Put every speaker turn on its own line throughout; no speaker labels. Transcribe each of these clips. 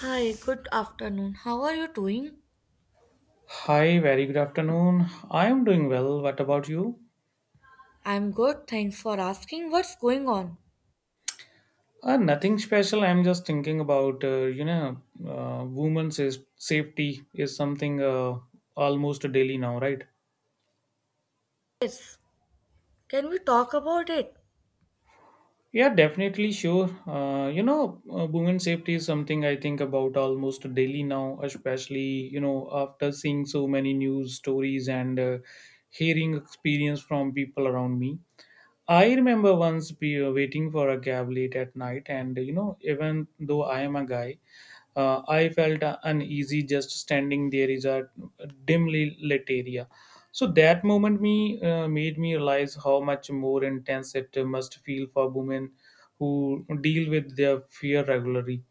Hi, good afternoon. How are you doing?
Hi, very good afternoon. I am doing well. What about you?
I'm good, thanks for asking. What's going on?
Nothing special. I'm just thinking about, women's is, safety is something almost daily now, right?
Yes, can we talk about it?
Yeah, definitely, sure. Women's safety is something I think about almost daily now, especially, you know, after seeing so many news stories and hearing experience from people around me. I remember once be waiting for a cab late at night, and you know, even though I am a guy, I felt uneasy just standing there is a dimly lit area. So that moment me made me realize how much more intense it must feel for women who deal with their fear regularly.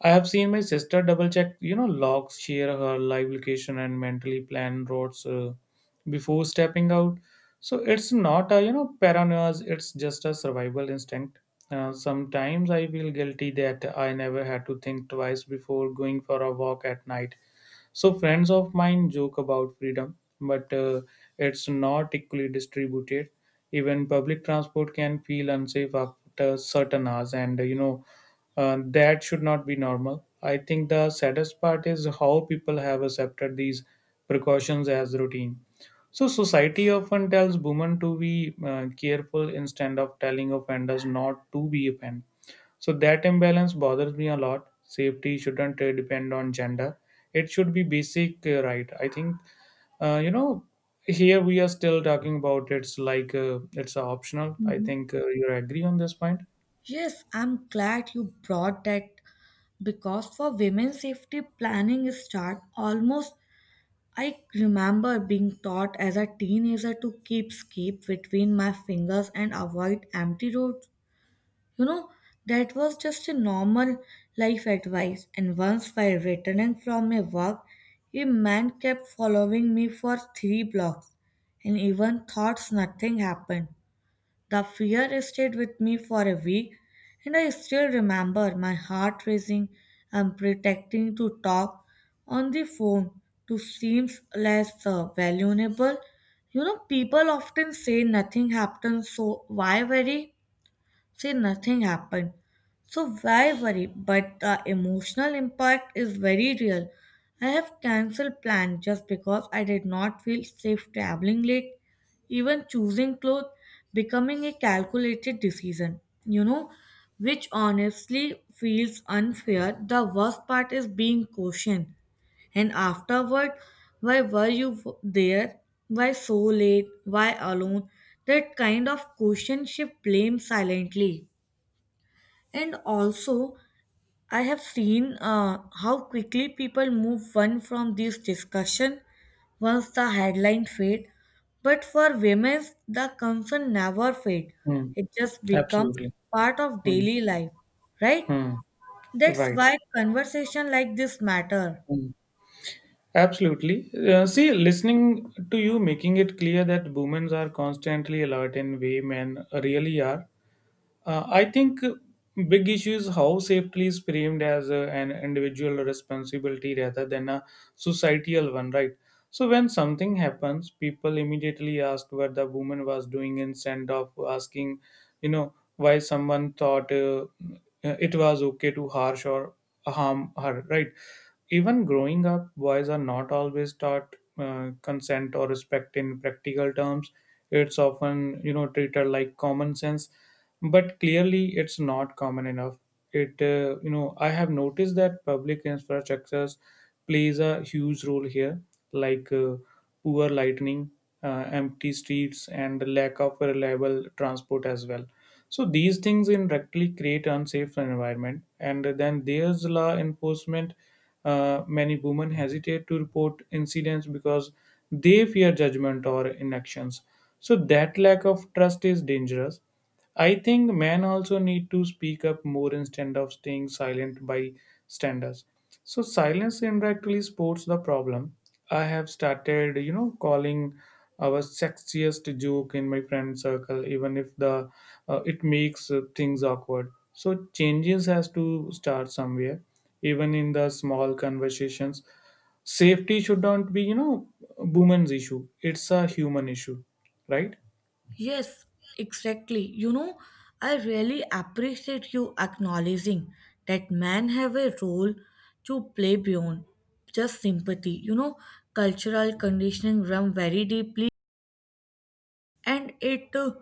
I have seen my sister double check, you know, logs, share her live location, and mentally plan routes before stepping out. So it's not a, you know, paranoia, it's just a survival instinct. Sometimes I feel guilty that I never had to think twice before going for a walk at night. So friends of mine joke about freedom, but it's not equally distributed. Even public transport can feel unsafe after certain hours, and that should not be normal. I think the saddest part is how people have accepted these precautions as routine. So society often tells women to be careful instead of telling offenders not to be offended, so that imbalance bothers me a lot. Safety shouldn't depend on gender. It should be basic right. I think uh, you know here we are still talking about it's like it's optional. I
Mhm.
think you agree on this point.
Yes, I'm glad you brought that because for women's safety planning start almost I remember being taught as a teenager to keep scape between my fingers and avoid empty roads. You know, that was just a normal life advice. And once, while returning from a walk, a man kept following me for three blocks, and even thoughts nothing happened. The fear stayed with me for a week, and I still remember my heart racing and pretending to talk on the phone to seem less valuable. You know, people often say nothing happens, so why worry? Say nothing happened. So why worry? But the emotional impact is very real. I have cancelled plans just because I did not feel safe traveling late. Even choosing clothes becoming a calculated decision, which honestly feels unfair. The worst part is being cautioned. And afterward, why were you w- there? Why so late? Why alone? That kind of question shift blame silently. And also, I have seen how quickly people move on from this discussion once the headline fade. But for women, the concern never fade.
Hmm.
It just becomes
Absolutely.
part of
Hmm.
daily life, right?
Hmm.
That's
Right.
why conversation like this matter.
Hmm. Absolutely. See, listening to you making it clear that women are constantly alert in way men really are. I think big issue is how safely is framed as a, an individual responsibility rather than a societal one, right? So when something happens, people immediately ask what the woman was doing instead of asking, you know, why someone thought it was okay to harsh or harm her, right? Even growing up, boys are not always taught consent or respect in practical terms. It's often, you know, treated like common sense, but clearly it's not common enough. It, you know, I have noticed that public infrastructures plays a huge role here, like poor lighting, empty streets, and lack of reliable transport as well, so these things indirectly create unsafe environment, and then there's law enforcement. Many women hesitate to report incidents because they fear judgment or inactions. So that lack of trust is dangerous. I think men also need to speak up more instead of staying silent by standards. So silence indirectly supports the problem. I have started, you know, calling our sexiest joke in my friend circle, even if the it makes things awkward. So changes has to start somewhere, even in the small conversations. Safety should not be, you know, a woman's issue. It's a human issue, right?
Yes, exactly. You know, I really appreciate you acknowledging that men have a role to play beyond just sympathy. You know, cultural conditioning run very deeply and it uh,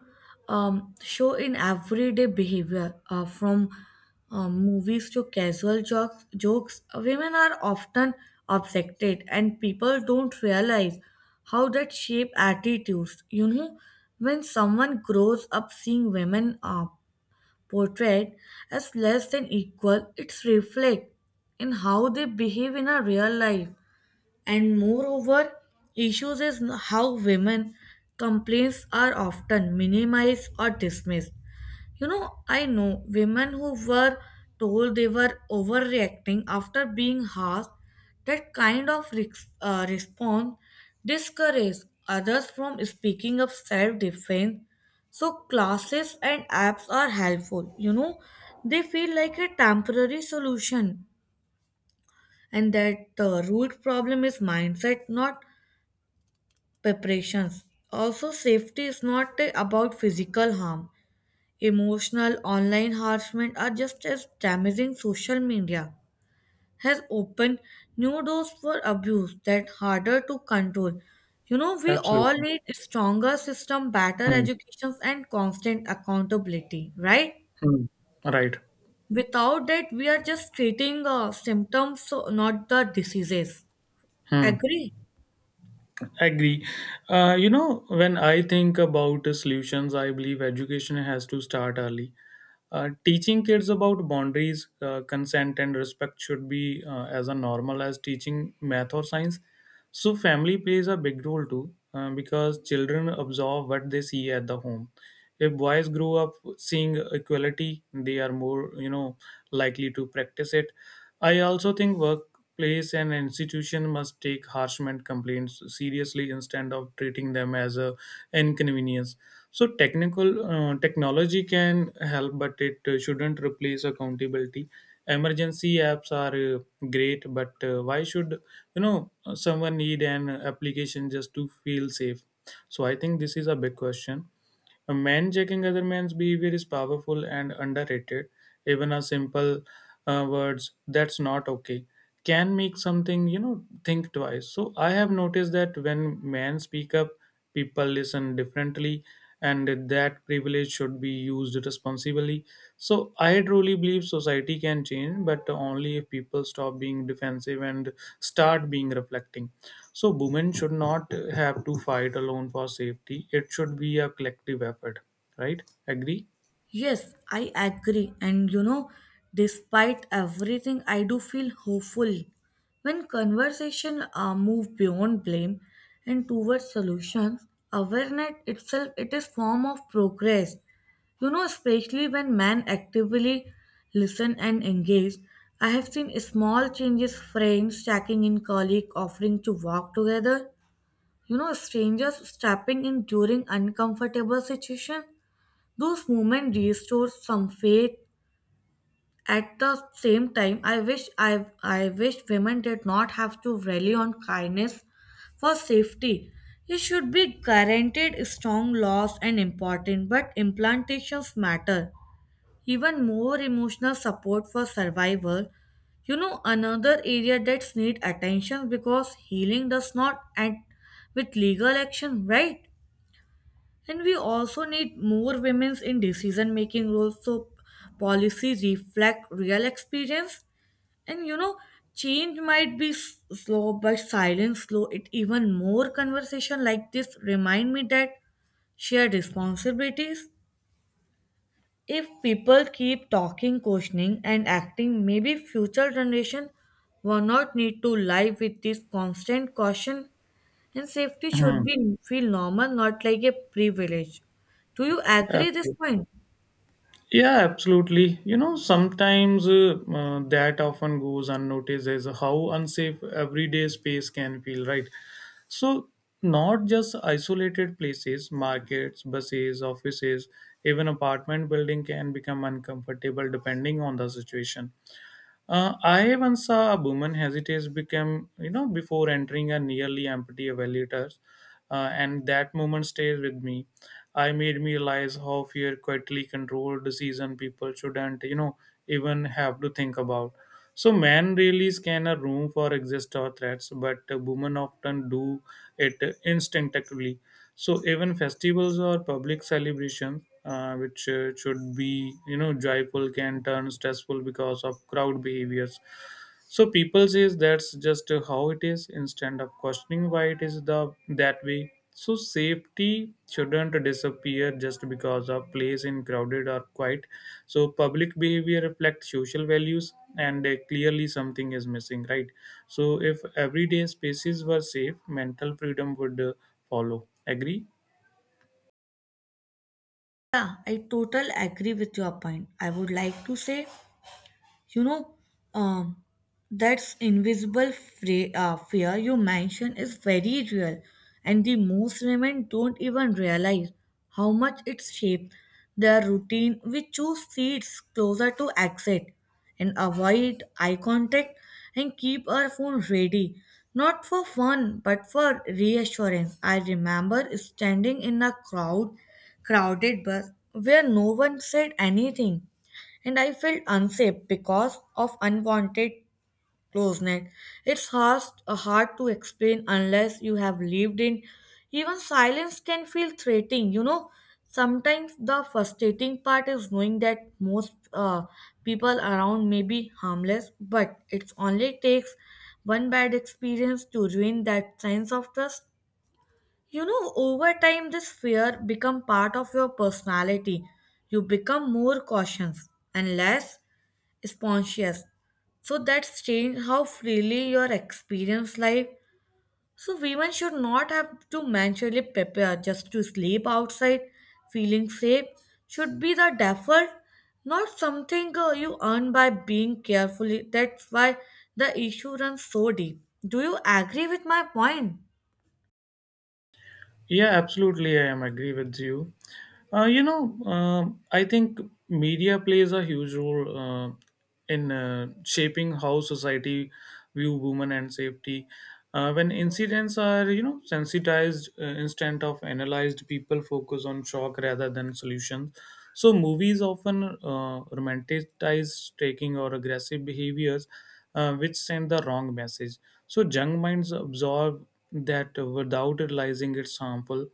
um, show in everyday behavior from movies to casual jokes jokes women are often objected and people don't realize how that shape attitudes you know when someone grows up seeing women portrayed as less than equal it's reflect in how they behave in a real life and moreover issues is how women complaints are often minimized or dismissed you know I know women who were told they were overreacting after being harsh. That kind of response discourages others from speaking of self-defense. So classes and apps are helpful, you know, they feel like a temporary solution and that the root problem is mindset not preparations. Also, safety is not about physical harm. Emotional online harassment are just as damaging. Social media has opened new doors for abuse that harder to control. You know, we all
Absolutely.
need stronger system, better
Hmm.
educations, and constant accountability, right?
Hmm. Right.
Without that, we are just treating symptoms, so not the diseases.
Hmm.
Agree?
Agree. You know, when I think about solutions, I believe education has to start early. Teaching kids about boundaries, consent, and respect should be as a normal as teaching math or science. So, family plays a big role too, because children absorb what they see at the home. If boys grow up seeing equality, they are more, you know, likely to practice it. I also think workplace and institution must take harassment complaints seriously instead of treating them as a inconvenience. So technical technology can help, but it shouldn't replace accountability. Emergency apps are great, but why should, you know, someone need an application just to feel safe? So I think this is a big question. A man checking other man's behavior is powerful and underrated. Even a simple words "that's not okay" can make something, you know, think twice. So I have noticed that when men speak up, people listen differently, and that privilege knowledge should be used responsibly. So I truly believe society can change, but only if people stop being defensive and start being reflecting. So women should not have to fight alone for safety. It should be a collective effort, right? Agree?
Yes, I agree. And you know, despite everything, I do feel hopeful. When conversation move beyond blame and towards solutions, awareness itself it is form of progress. You know, especially when men actively listen and engage, I have seen small changes, friends checking in, colleague offering to walk together. You know, strangers stepping in during uncomfortable situation. Those moments restore some faith. At the same time, I wish women did not have to rely on kindness for safety. It should be guaranteed strong laws and important, but implantations matter. Even more emotional support for survival. You know, another area that's need attention because healing does not end with legal action, right? And we also need more women in decision making roles so policies reflect real experience. And you know, change might be slow, but silence slow it even more. Conversation like this remind me that shared responsibilities. If people keep talking, questioning, and acting, maybe future generation will not need to live with this constant caution and safety should
Mhm.
be feel normal, not like a privilege. Do you agree this
Absolutely.
point?
Yeah, absolutely. You know, sometimes that often goes unnoticed is how unsafe everyday space can feel, right? So, not just isolated places, markets, buses, offices, even apartment building can become uncomfortable depending on the situation. I once saw a woman hesitate become, you know, before entering a nearly empty elevator, and that moment stays with me. I made me realize how fear quietly controlled decision people shouldn't, you know, even have to think about. So men really scan a room for exist or threats, but women often do it instinctively. So even festivals or public celebrations, which should be, you know, joyful, can turn stressful because of crowd behaviors. So people says that's just how it is instead of questioning why it is the that way. So safety shouldn't disappear just because a place in crowded or quiet. So public behavior reflects social values and clearly something is missing, right? So if everyday spaces were safe, mental freedom would follow. Agree?
Yeah, I totally agree with your point. I would like to say, you know, um, that's invisible fear you mentioned is very real and the most women don't even realize how much it shapes their routine. We choose seats closer to exit and avoid eye contact and keep our phone ready, not for fun but for reassurance. I remember standing in a crowd crowded bus where no one said anything, and I felt unsafe because of unwanted closeness. It's hard to explain unless you have lived in. Even silence can feel threatening, you know. Sometimes the frustrating part is knowing that most people around may be harmless, but it only takes one bad experience to ruin that sense of trust. You know, over time, this fear become part of your personality. You become more cautious and less spontaneous. So that's changed how freely your experience life. So women should not have to mentally prepare just to sleep outside. Feeling safe should be the default, not something you earn by being carefully. That's why the issue runs so deep. Do you agree with my point?
Yeah, absolutely. I am agree with you. I think media plays a huge role in shaping how society view women and safety. When incidents are, you know, sensitized instead of analyzed, people focus on shock rather than solutions. So movies often romanticize taking or aggressive behaviors, which send the wrong message. So young minds absorb that without realizing it's harmful.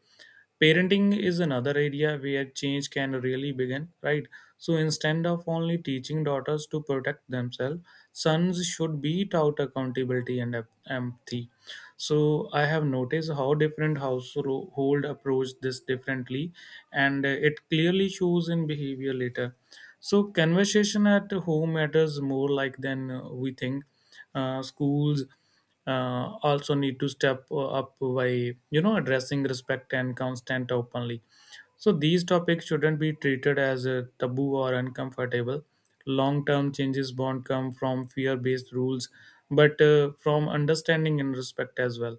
Parenting is another area where change can really begin, right? So instead of only teaching daughters to protect themselves, sons should be taught accountability and empathy. So I have noticed how different household approach this differently, and it clearly shows in behavior later. So conversation at home matters more like than we think. Schools also need to step up by, you know, addressing respect and constant openly. So these topics shouldn't be treated as a taboo or uncomfortable. Long-term changes won't come from fear-based rules, but from understanding and respect as well.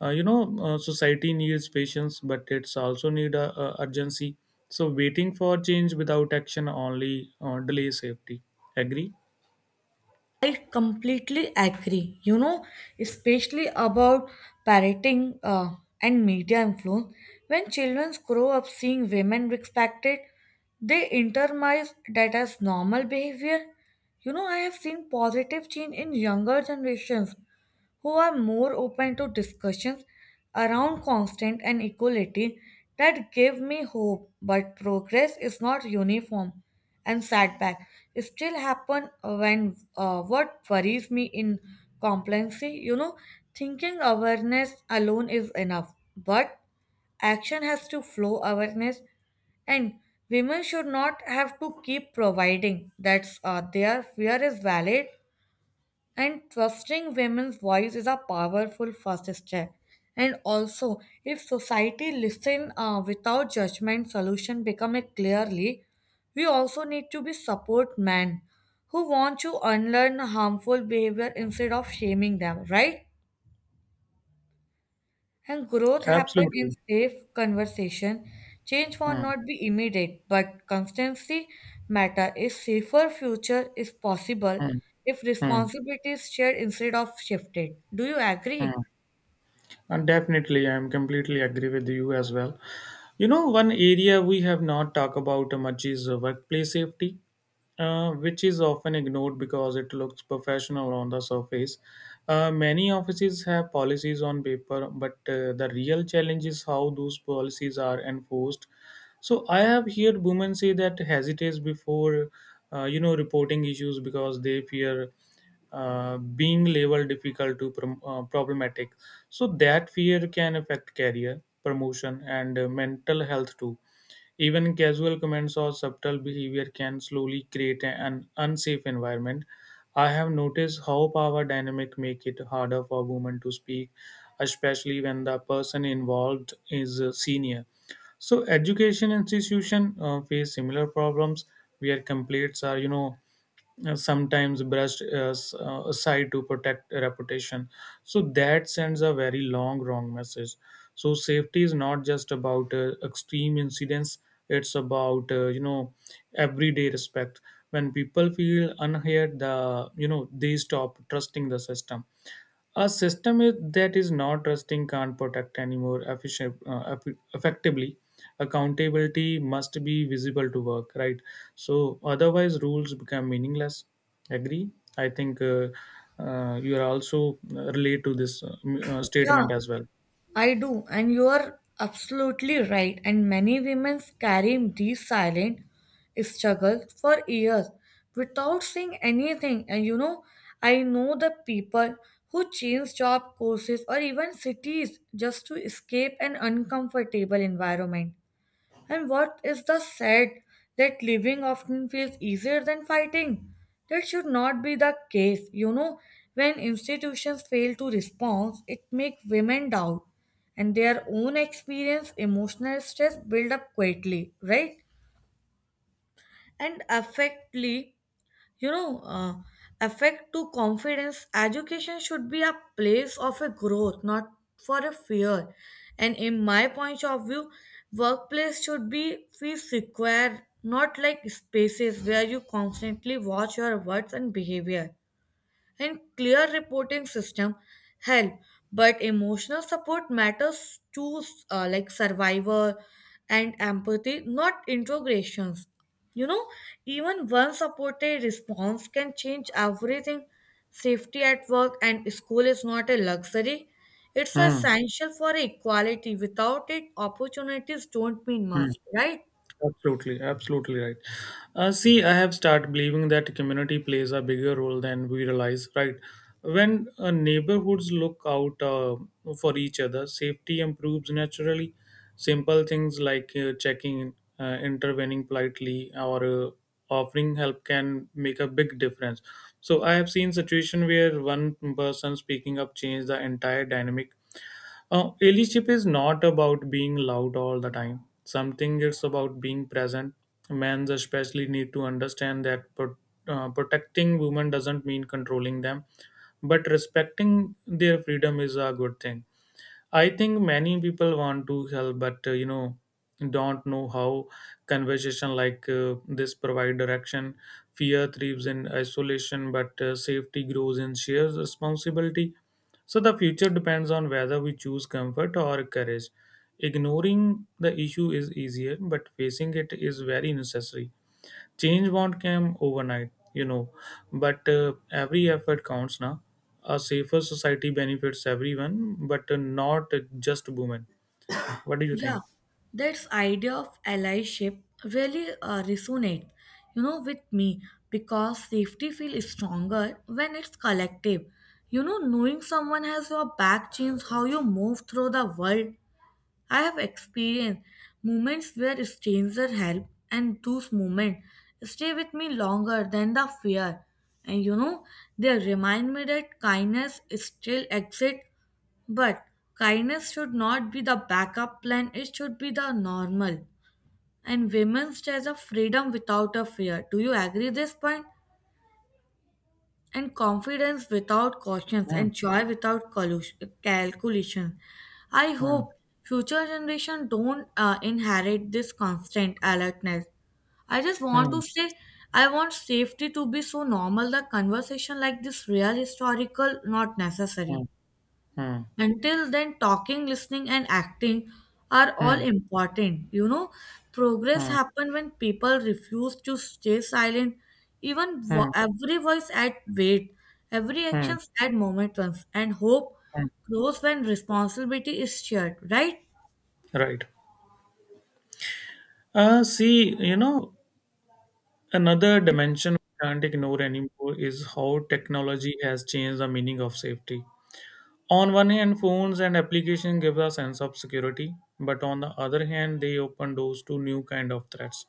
Society needs patience, but it's also need a urgency. So waiting for change without action only delay safety. Agree?
I completely agree. You know, especially about parenting and media influence. When children grow up seeing women respected, they internalize that as normal behavior. You know, I have seen positive change in younger generations who are more open to discussions around constant and equality that give me hope. But progress is not uniform, and setback still happen when what worries me in complacency, you know, thinking awareness alone is enough, but action has to flow awareness and women should not have to keep providing that's their fear is valid and trusting women's voice is a powerful first step. And also, if society listen without judgment, solution become a clearly. We also need to be support men who want to unlearn harmful behavior instead of shaming them, right? And growth happen in
Absolutely.
safe conversation. Change will
Hmm.
not be immediate, but constancy matter. A safer future is possible
Hmm.
if
Hmm.
responsibility is shared instead of shifted. Do you agree?
Hmm. And definitely, I'm completely agree with you as well. You know, one area we have not talked about much is workplace safety, which is often ignored because it looks professional on the surface. Many offices have policies on paper, but the real challenge is how those policies are enforced. So I have heard women say that hesitates before, you know, reporting issues because they fear being labeled difficult to problematic. So that fear can affect career, promotion, and mental health too. Even casual comments or subtle behavior can slowly create an unsafe environment. I have noticed how power dynamic make it harder for women to speak, especially when the person involved is a senior. So education institution face similar problems where complaints are, you know, sometimes brushed aside to protect reputation. So that sends a very long wrong message. So safety is not just about extreme incidents; it's about everyday respect. When people feel unheard, they stop trusting the system. That is not trusting can't protect anymore efficient, effectively. Accountability must be visible to work, right? So otherwise, rules become meaningless. Agree? I think you are also relate to this
Yeah.
statement as well.
I do, and you are absolutely right. And many women carry these silent struggles for years without saying anything. And you know, I know the people who change job courses or even cities just to escape an uncomfortable environment. And what is the sad that living often feels easier than fighting? That should not be the case. You know, when institutions fail to respond, it makes women doubt and their own experience emotional stress build up quietly, right? And affectly, you know uh, affect to confidence. Education should be a place of a growth not for a fear, and in my point of view workplace should be feel secure, not like spaces where you constantly watch your words and behavior, and clear reporting system help but emotional support matters to, like survivor and empathy not integrations, you know. Even one supported response can change everything. Safety at work and school is not a luxury, it's
Hmm.
essential for equality. Without it opportunities don't mean
Hmm.
much, right?
Absolutely, absolutely right. See, I have started believing that community plays a bigger role than we realize, right? When neighborhoods look out for each other, safety improves naturally. Simple things like checking in, intervening politely, or offering help can make a big difference. So, I have seen situation where one person speaking up changed the entire dynamic. Leadership is not about being loud all the time. Something it's about being present. Men especially need to understand that protecting women doesn't mean controlling them, but respecting their freedom is a good thing. I think many people want to help, but you know, don't know how. Conversation like this provide direction. Fear thrives in isolation, but safety grows in shared responsibility. So the future depends on whether we choose comfort or courage. Ignoring the issue is easier, but facing it is very necessary. Change won't come overnight, you know, but every effort counts now. A safer society benefits everyone, but not just women. What do you
Yeah,
think?
that's idea of allyship really resonates, you know, with me because safety feels stronger when it's collective. You know, knowing someone has your back changes how you move through the world. I have experienced moments where strangers help, and those moments stay with me longer than the fear. And you know, they remind me that kindness still exists, but kindness should not be the backup plan, it should be the normal. And women has a freedom without a fear. Do you agree this point? And confidence without cautions
Hmm,
and joy without calculation. I
hmm,
hope future generation don't inherit this constant alertness. I just want
hmm,
to say I want safety to be so normal that conversation like this real historical not
hmm,
necessary.
hmm,
Until then, talking, listening, and acting are all
hmm,
important. You know, progress
hmm,
happen when people refuse to stay silent. Even
hmm,
every voice add weight, every
hmm,
action add moments, and hope
hmm.
grows when responsibility is shared. Right?
Right. See, you know, another dimension we can't ignore anymore is how technology has changed the meaning of safety. On one hand, phones and applications give a sense of security, but on the other hand, they open doors to new kind of threats.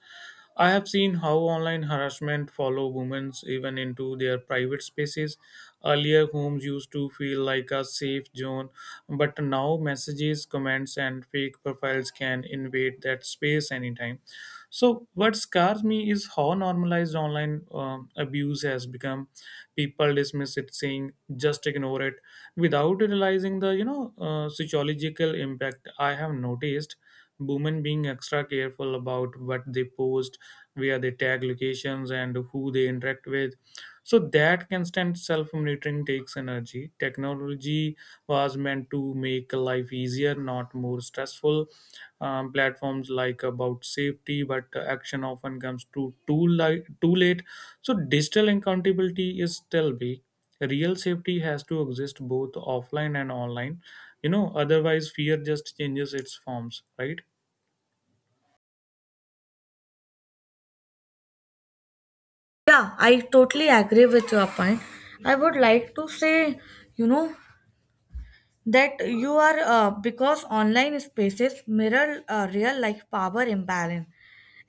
I have seen how online harassment follow women even into their private spaces. Earlier, homes used to feel like a safe zone, but now messages, comments, and fake profiles can invade that space anytime. So what scares me is how normalized online abuse has become. People dismiss it, saying just ignore it, without realizing the psychological impact. I have noticed women being extra careful about what they post, where they tag locations, and who they interact with. So that constant self-monitoring takes energy. Technology was meant to make life easier, not more stressful. Platforms like about safety, but action often comes too late. Too late. So digital accountability is still big. Real safety has to exist both offline and online. You know, otherwise fear just changes its forms, right?
Yeah, I totally agree with your point. I would like to say, you know, that you are because online spaces mirror real life power imbalance,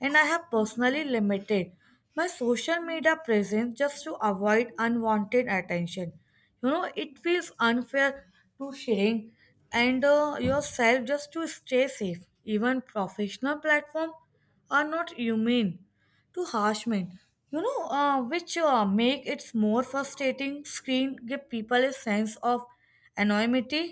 and I have personally limited my social media presence just to avoid unwanted attention. You know, it feels unfair to sharing and yourself just to stay safe. Even professional platforms are not immune to harassment, you know, which make it more frustrating. Screen give people a sense of anonymity,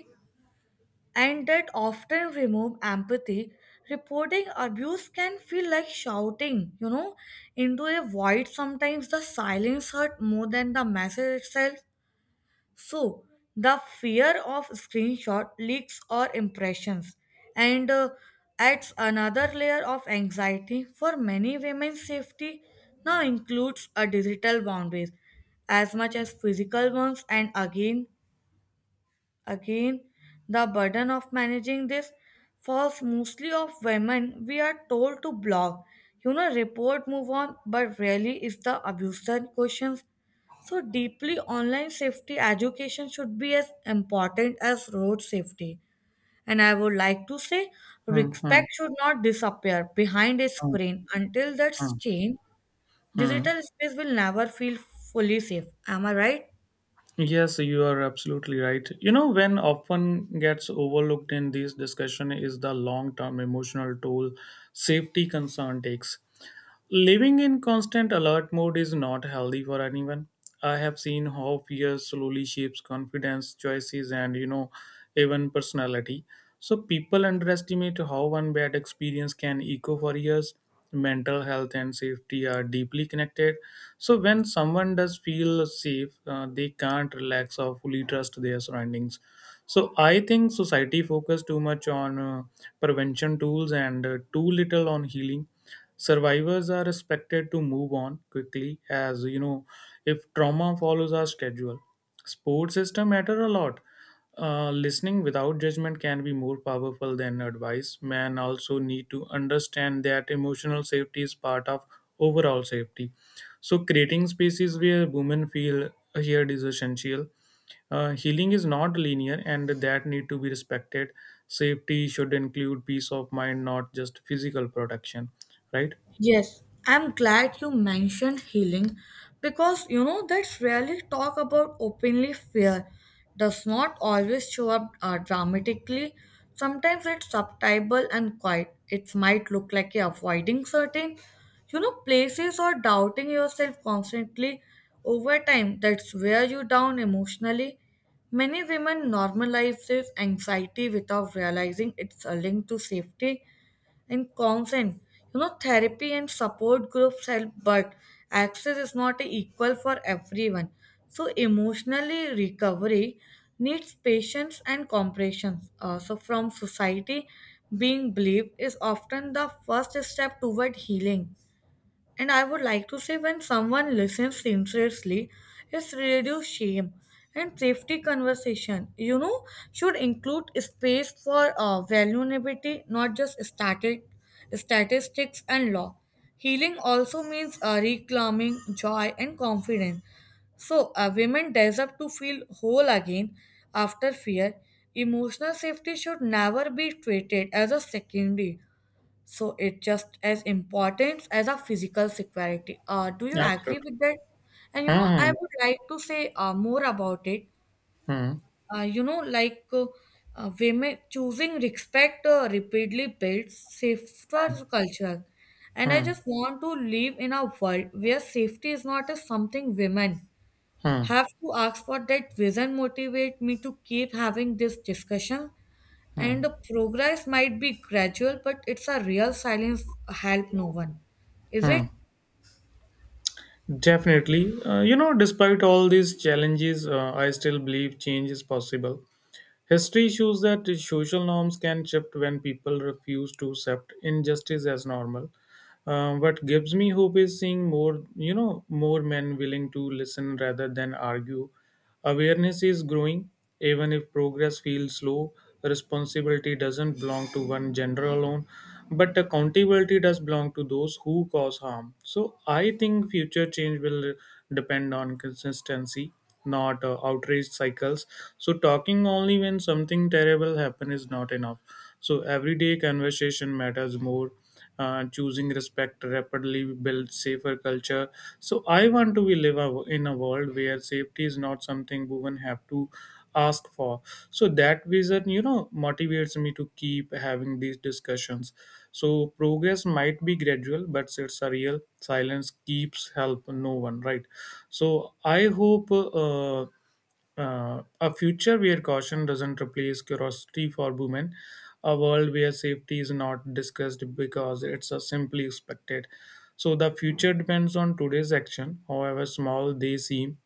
and that often remove empathy. Reporting abuse can feel like shouting, you know, into a void. Sometimes the silence hurt more than the message itself. So, the fear of screenshot leaks or impressions and adds another layer of anxiety for many women. Safety now includes a digital boundaries as much as physical ones. And again, the burden of managing this falls mostly of women. We are told to blog, you know, report, move on, but rarely is the abuser questions. So deeply online safety education should be as important as road safety. And I would like to say
Hmm, hmm,
respect should not disappear behind a
hmm,
screen. Until that's
hmm,
changed,
hmm.
digital space will never feel fully safe. Am I right?
Yes, you are absolutely right. You know, when often gets overlooked in these discussion is the long-term emotional toll safety concern takes. Living in constant alert mode is not healthy for anyone. I have seen how fear slowly shapes confidence, choices, and you know, even personality. So people underestimate how one bad experience can echo for years. Mental health and safety are deeply connected. So when someone does feel safe, they can't relax or fully trust their surroundings. So I think society focuses too much on prevention tools and too little on healing. Survivors are expected to move on quickly, as if trauma follows our schedule. Sports system matter a lot. Listening without judgment can be more powerful than advice. Men also need to understand that emotional safety is part of overall safety. So creating spaces where women feel heard is essential. Healing is not linear, and that need to be respected. Safety should include peace of mind, not just physical protection, right?
Yes, I'm glad you mentioned healing because you know that's rarely talk about openly. Fear does not always show up dramatically. Sometimes it's subtle and quiet. It might look like you're avoiding certain, you know, places or doubting yourself constantly. Over time, that's wear you down emotionally. Many women normalize this anxiety without realizing it's a link to safety and consent. You know, therapy and support groups help, but access is not equal for everyone. So, emotionally recovery needs patience and comprehension. So, from society, being believed is often the first step toward healing. And I would like to say when someone listens sincerely, it's reduce shame and safety conversation. You know, should include space for vulnerability, not just static statistics and law. Healing also means reclaiming joy and confidence. So, women deserve to feel whole again after fear. Emotional safety should never be treated as a secondary, so it's just as important as a physical security. Do you agree
Absolutely.
with that? And you know, I
Hmm.
would like to say more about it.
Hmm.
Uh, you know, like uh, Women choosing respect repeatedly builds safer culture. And I
Hmm.
just want to live in a world where safety is not a something women
Hmm.
have to ask for. That vision motivate me to keep having this discussion, and
Hmm.
the progress might be gradual, but it's a real silence help no one, is
Hmm.
it?
Definitely. You know, despite all these challenges, I still believe change is possible. History shows that social norms can shift when people refuse to accept injustice as normal. What gives me hope is seeing more, you know, more men willing to listen rather than argue. Awareness is growing, even if progress feels slow. Responsibility doesn't belong to one gender alone, but accountability does belong to those who cause harm. So I think future change will depend on consistency, not outrage cycles. So talking only when something terrible happen is not enough. So everyday conversation matters more. Choosing respect rapidly builds safer culture. So I want to be live a, in a world where safety is not something women have to ask for. So that vision, you know, motivates me to keep having these discussions. So progress might be gradual, but it's a real silence keeps help no one, right? So I hope a future where caution doesn't replace curiosity for women, a world where safety is not discussed because it's simply expected. So the future depends on today's action, however small they seem.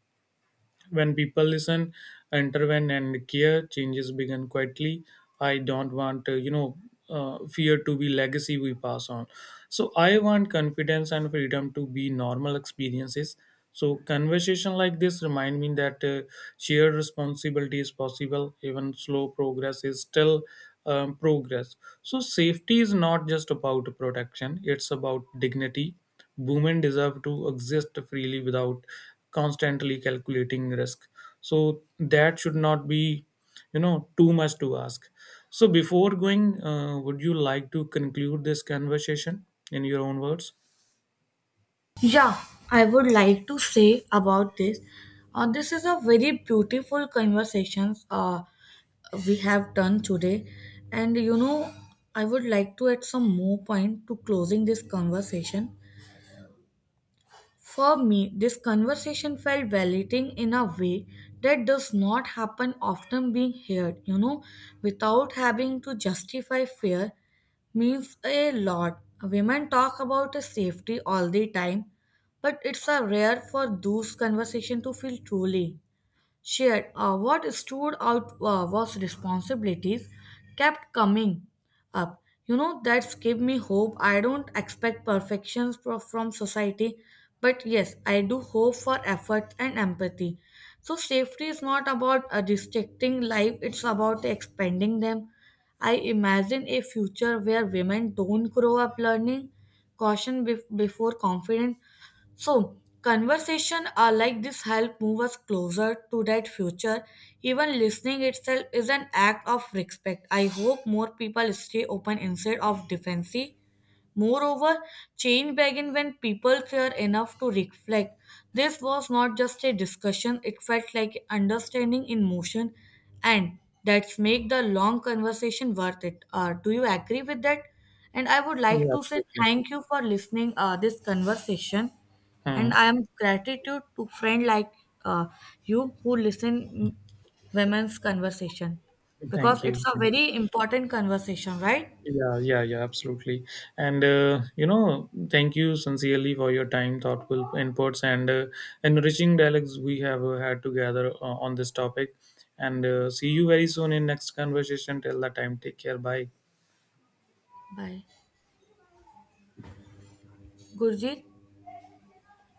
When people listen, intervene, and care, changes begin quietly. I don't want, fear to be legacy we pass on. So I want confidence and freedom to be normal experiences. So conversation like this remind me that shared responsibility is possible. Even slow progress is still progress. So safety is not just about protection; it's about dignity. Women deserve to exist freely without constantly calculating risk. So that should not be, you know, too much to ask. So before going, would you like to conclude this conversation in your own words?
Yeah, I would like to say about this. This is a very beautiful conversations we have done today, and you know, I would like to add some more point to closing this conversation. For me, this conversation felt validating in a way that does not happen often being heard, you know, without having to justify fear means a lot. Women talk about safety all the time, but it's a rare for those conversation to feel truly shared. What stood out was responsibilities kept coming up. You know, that's give me hope. I don't expect perfections from society, but yes, I do hope for effort and empathy. So safety is not about restricting life; it's about expanding them. I imagine a future where women don't grow up learning caution before confidence, so conversation are like this help move us closer to that future. Even listening itself is an act of respect. I hope more people stay open instead of defensive. Moreover, change began when people care enough to reflect. This was not just a discussion, it felt like understanding in motion, and that's make the long conversation worth it. Do you agree with that? And I would like
Yeah,
to say
absolutely.
thank you for listening this conversation,
Hmm.
and I am gratitude to friend like uh, you who listen women's conversation because
Thank
it's
you.
a
Thank you.
very important conversation, right?
Yeah, yeah, yeah, absolutely. And you know, thank you sincerely for your time, thoughtful inputs, and enriching dialogues we have had together on this topic. And see you very soon in next conversation. Till that time, take care. Bye.
Bye. Gurjit?